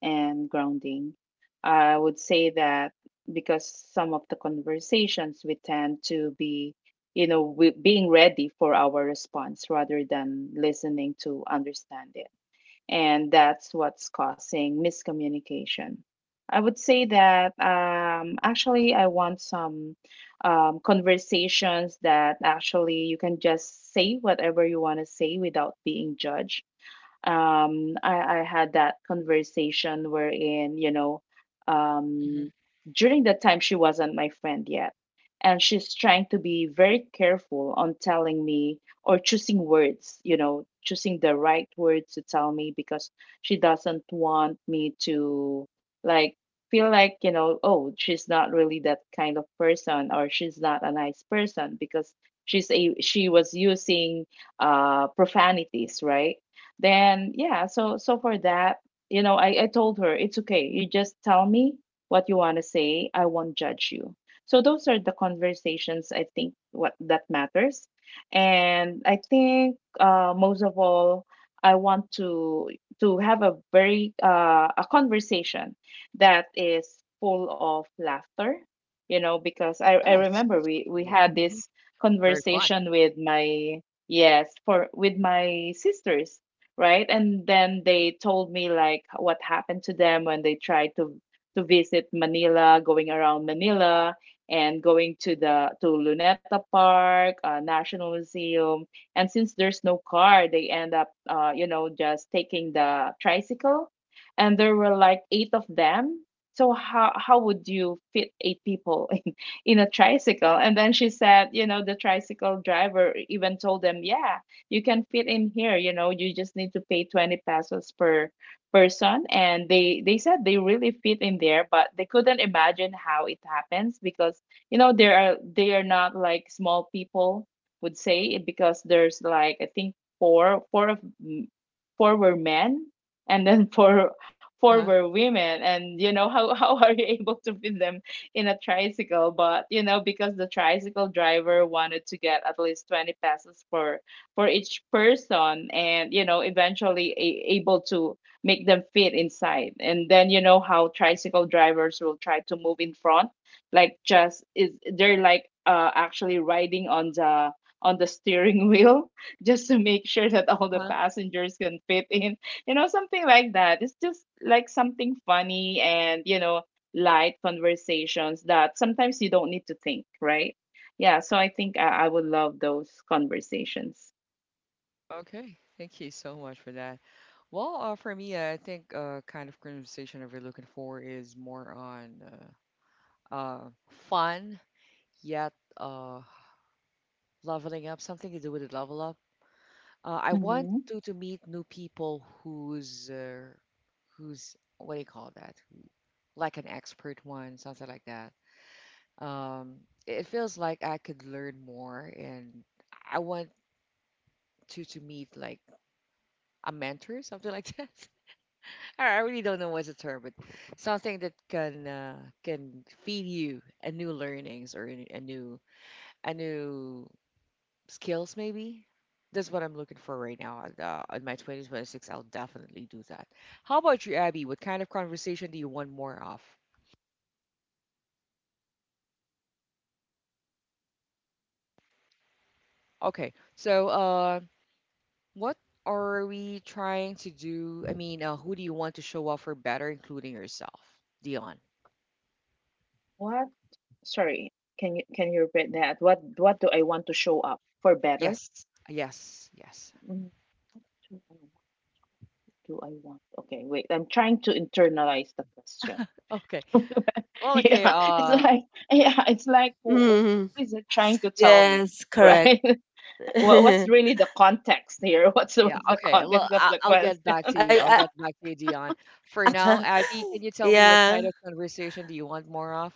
and grounding. I would say that because some of the conversations we tend to be, you know, we, being ready for our response rather than listening to understand it. And that's what's causing miscommunication. I would say that actually, I want some conversations that actually you can just say whatever you want to say without being judged. I had that conversation wherein you know
Hmm.
um during that time she wasn't my friend yet, and she's trying to be very careful on telling me or choosing words, you know, choosing the right words to tell me because she doesn't want me to like feel like you know oh she's not really that kind of person or she's not a nice person because she was using profanities, right? Then yeah, so so for that, you know, I told her it's okay. You just tell me what you want to say. I won't judge you. So those are the conversations I think what that matters. And I think most of all, I want to have a very a conversation that is full of laughter you know because I
Yes.
remember we
Mhm.
had
Mhm.
this
Very fun.
conversation with my yes for with my sisters, right? And then they told me like what happened to them when they tried to visit Manila, going around Manila and going to the to Luneta Park, National Museum. And since there's no car, they end up you know just taking the tricycle. And there were like eight of them. So how would you fit eight people in a tricycle? And then she said, you know, the tricycle driver even told them, yeah, you can fit in here. You know you just need to pay 20 pesos per person, and they said they really fit in there, but they couldn't imagine how it happens because you know there are they are not like small people would say it, because there's like I think four of mm, four were men, and then four
Huh?
were women. And you know how how are you able to fit them in a tricycle? But you know, because the tricycle driver wanted to get at least 20 pesos for each person, and you know eventually able to make them fit inside. And then you know how tricycle drivers will try to move in front, like just is they're like actually riding on the steering wheel just to make sure that all the
Huh?
passengers can fit in. You know something like that. It's just like something funny, and you know light conversations that sometimes you don't need to think, right? Yeah, so I think I would love those conversations.
Okay. Thank you so much for that. Well, for me, I think kind of conversation that we're looking for is more on uh, uh, fun yet uh, leveling up, something to do with the level up. I want
Mhm.
to meet new people who's who's what do you call that? Like an expert one, something like that. Um, it feels like I could learn more, and I want to meet like a mentor, something like that. I really don't know what's the term, but something that can feed you a new learnings or a new a new skills maybe. That's what I'm looking for right now. In my 2026, I'll definitely do that. How about you, Abby? What kind of conversation do you want more of? Okay, so what are we trying to do? I mean, who do you want to show up for better, including yourself, Dion?
What? Sorry. Can you repeat that? What do I want to show up for better?
Yes, yes, yes.
Mm, do I want? Do I want? Okay, wait. I'm trying to internalize the question.
Okay. Well, okay.
Yeah, it's like yeah, it's like
Mm,
what is it trying to tell me,
yes, correct.
right? What's
I,
really the context here? What's
Yeah.
the
Okay. Well,
context of the
I'll get
question?
back to you.
I
I'll get back to you, Dion. For now, Abby, can you tell me what
yeah,
kind of conversation do you want more of?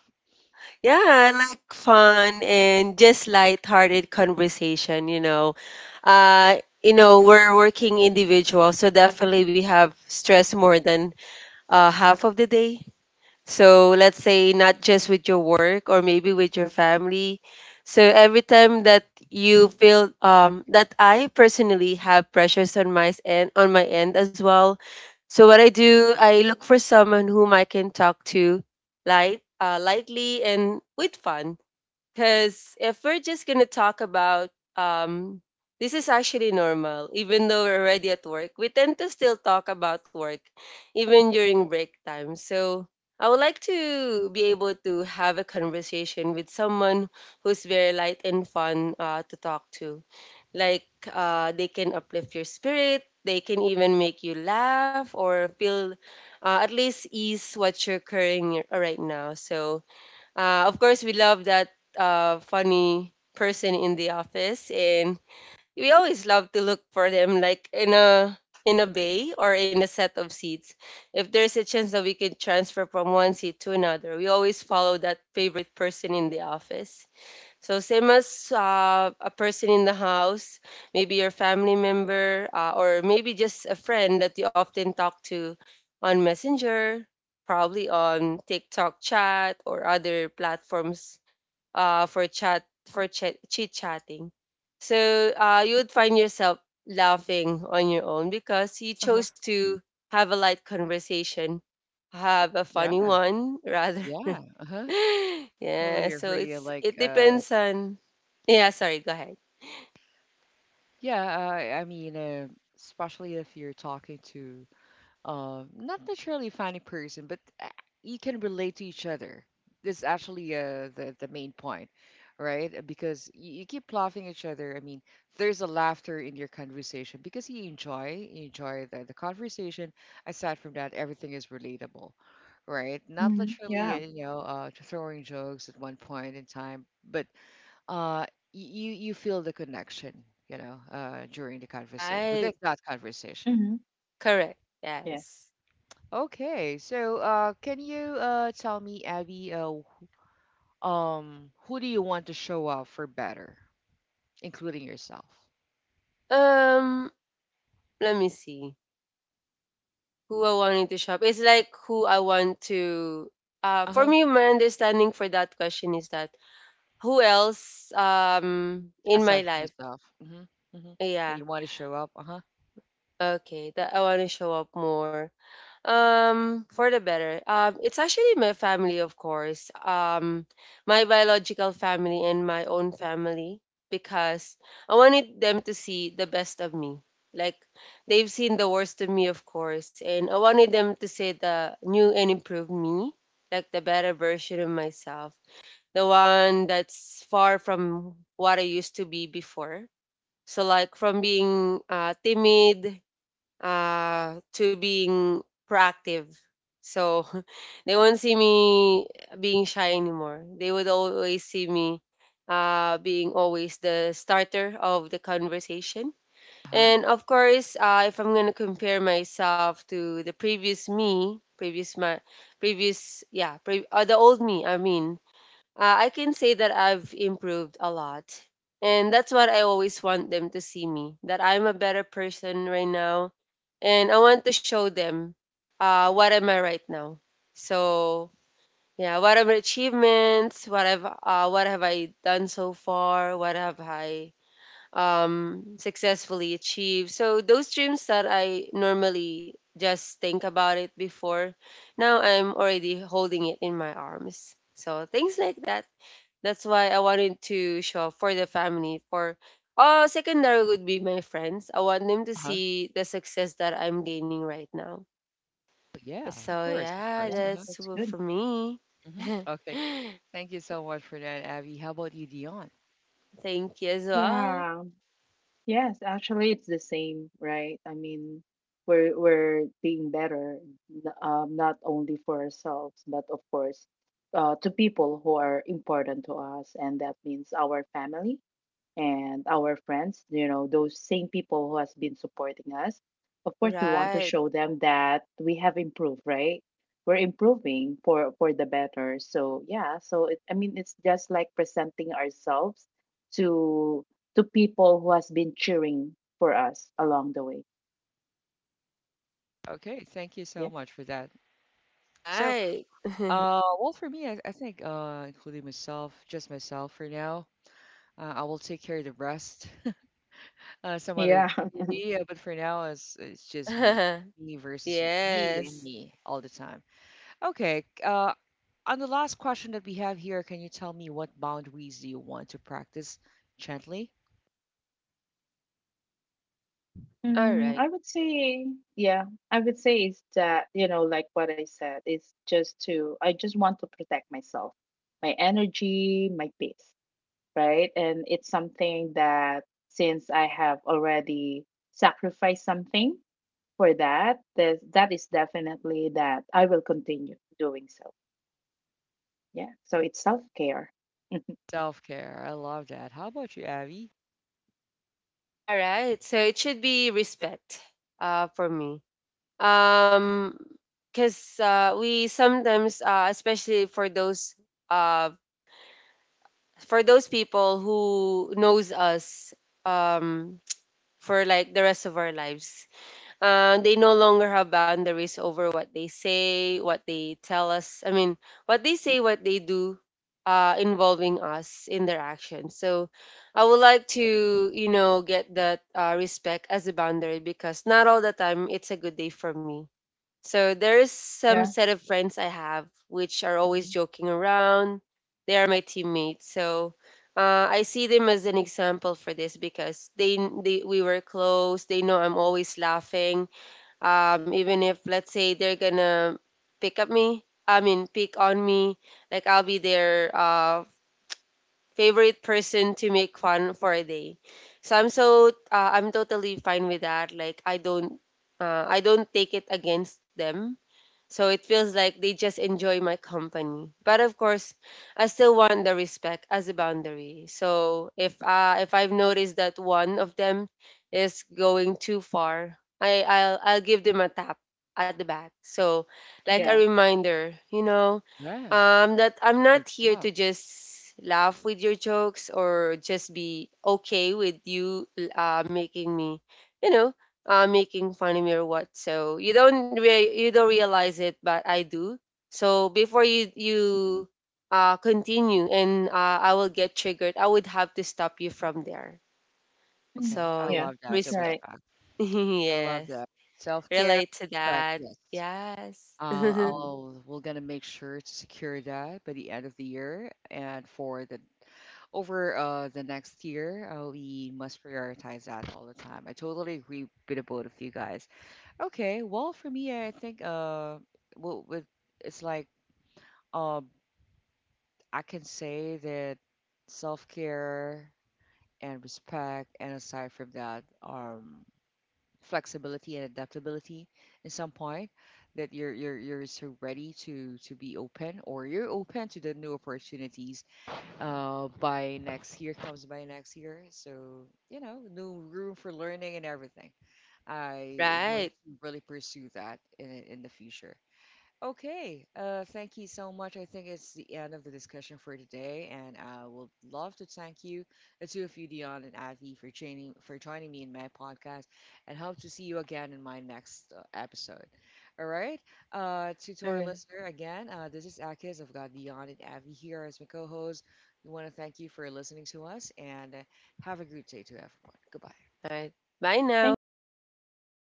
yeah, I like fun and just light-hearted conversation, you know. Uh, you know, we're working individuals, so definitely we have stress more than half of the day. So let's say not just with your work or maybe with your family. So every time that you feel that I personally have pressures on my end, on my end as well. So what I do, I look for someone whom I can talk to light, lightly and with fun, because if we're just going to talk about, um, this is actually normal, even though we're already at work, we tend to still talk about work even during break time. So I would like to be able to have a conversation with someone who's very light and fun, to talk to. Like, they can uplift your spirit, they can even make you laugh or feel, at least ease what you're carrying right now. So, of course, we love that, funny person in the office, and we always love to look for them, like in a, in a bay or in a set of seats. If there's a chance that we can transfer from one seat to another, we always follow that favorite person in the office. So same as, a person in the house, maybe your family member, or maybe just a friend that you often talk to on Messenger, probably on TikTok chat or other platforms, for chat for chit chatting. So, you would find yourself laughing on your own because you
Uh huh.
chose to have a light conversation, have a funny
Yeah.
one. Rather
Yeah. Uh huh.
yeah,
Totally
so
agree.
it's,
Like,
it depends on. Yeah, sorry, go ahead.
yeah. Uh, I mean, uh, Especially if you're talking to not necessarily funny person, but you can relate to each other. That's actually the main point, right? Because you keep laughing at each other. I mean, there's a laughter in your conversation because you enjoy the conversation. Aside from that, everything is relatable, right? Not
Mhm.
literally
Yeah.
throwing jokes at one point in time, but you you feel the connection, you know, during the conversation
Right.
within that conversation.
Hmm.
Correct. Yes.
Yes.
Okay, so can you tell me, Abby, who do you want to show up for better, including yourself?
Um, Let me see. Who I wanted to shop. It's like who I want to, for
Uh-huh.
me my understanding for that question is that who else, in my
Aside from
life.
yourself. Mm-hmm. Mm-hmm. That
Yeah.
you want to show up. Uh-huh.
Okay, that I want to show up more. For the better. It's actually my family, of course. My biological family and my own family, because I wanted them to see the best of me. Like, they've seen the worst of me, of course, and I wanted them to see the new and improved me, like the better version of myself, the one that's far from what I used to be before. So like, from being, timid, to being proactive. So they won't see me being shy anymore. They would always see me, being always the starter of the conversation.
Uh-huh.
And of course, if I'm gonna compare myself to the previous me, previous my previous yeah, pre- the old me, I mean, I can say that I've improved a lot. And that's what I always want them to see me, that I'm a better person right now. And I want to show them, what am I right now. So, yeah, what are my achievements? What have I done so far? What have I, successfully achieved? So, those dreams that I normally just think about it before, now I'm already holding it in my arms. So, things like that. That's why I wanted to shop for the family. For, secondary would be my friends. I want them to
Uh-huh.
see the success that I'm gaining right now.
Yeah, of
So
course, of
yeah,
Yeah.
course. Uh-huh.
that's
That's good.
for me.
Mm-hmm. Okay. Thank you so much for that, Abby. How about you, Dion?
Thank you as well.
Yeah. Yes, actually, it's the same, right? I mean, we're being better, not only for ourselves, but of course, to people who are important to us, and that means our family and our friends, you know, those same people who has been supporting us. Of course, we want to
Right,
show them that we have improved, right? We're improving for the better. So yeah, so it, I mean, it's just like presenting ourselves to to people who has been cheering for us along the way.
Okay, thank you so
Yeah.
much for that. So,
right.
well, for me, I think, including myself, just myself for now, I will take care of the rest. Uh, some other
Yeah.
movie. But for now, it's just me, me versus me, me and
Yes.
me all the time. Okay. On the last question that we have here, can you tell me what boundaries do you want to practice gently?
All
Mm,
right,
I would say, yeah, I would say is that, you know, like what I said, it's just to, I just want to protect myself, my energy, my peace, right? And it's something that since I have already sacrificed something for that, that that is definitely that I will continue doing so. Yeah. So it's self-care.
Self care. I love that. How about you, Abby?
all right. So it should be respect. For me. Um, because, we sometimes, especially for those, um for those people who knows us, um for like the rest of our lives, they no longer have boundaries over what they say, what they tell us, I mean what they say, what they do, involving us in their actions. So I would like to, you know, get that, respect as a boundary, because not all the time it's a good day for me. So there is some
Yeah.
set of friends I have which are always
Hmm.
joking around. They are my teammates. So, I see them as an example for this because they we were close. They know I'm always laughing. Even if let's say they're gonna pick up me, I mean pick on me, like I'll be their, favorite person to make fun for a day. So I'm so, I'm totally fine with that. Like I don't, I don't take it against them, so it feels like they just enjoy my company. But of course, I still want the respect as a boundary. So if, if I've noticed that one of them is going too far, I'll give them a tap at the back. So, like a
Hmm.
Yeah.
reminder, you know,
Yeah.
that I'm
Good
not here
job.
to just laugh with your jokes or just be okay with you, making me, you know, making fun of me or what. So you don't you don't realize it, but I do. So before you continue and, I will get triggered, I would have to stop you from there.
Mm.
Okay.
So
I
Yeah.
yeah,
love
That's
that. The
right.
respect.
respect. I love
Yes,
that. Self care.
relate to
Respect.
that.
Yes.
Yes,
Mhm.
I'll, we're gonna make sure to secure that by the end of the year and for the over the next year, we must prioritize that all the time. I totally agree with the both of you guys. Okay, well, for me, I think well, with, it's like um, I can say that self care and respect, and aside from that, flexibility and adaptability in some point that you're so ready to be open or you're open to the new opportunities by next year comes by next year. So, you know, new room for learning and everything. I want
right.
to really pursue that in the future. Okay, thank you so much. I think it's the end of the discussion for today, and I would love to thank you, the two of you, Dion and Avi, for joining me in my podcast, and hope to see you again in my next episode. All right, to
All
our
right.
listener again, this is Akis. I've got Dion and Avi here as my co-hosts. We want to thank you for listening to us, and have a great day to everyone. Goodbye.
All right. Bye
Thank
now.
you.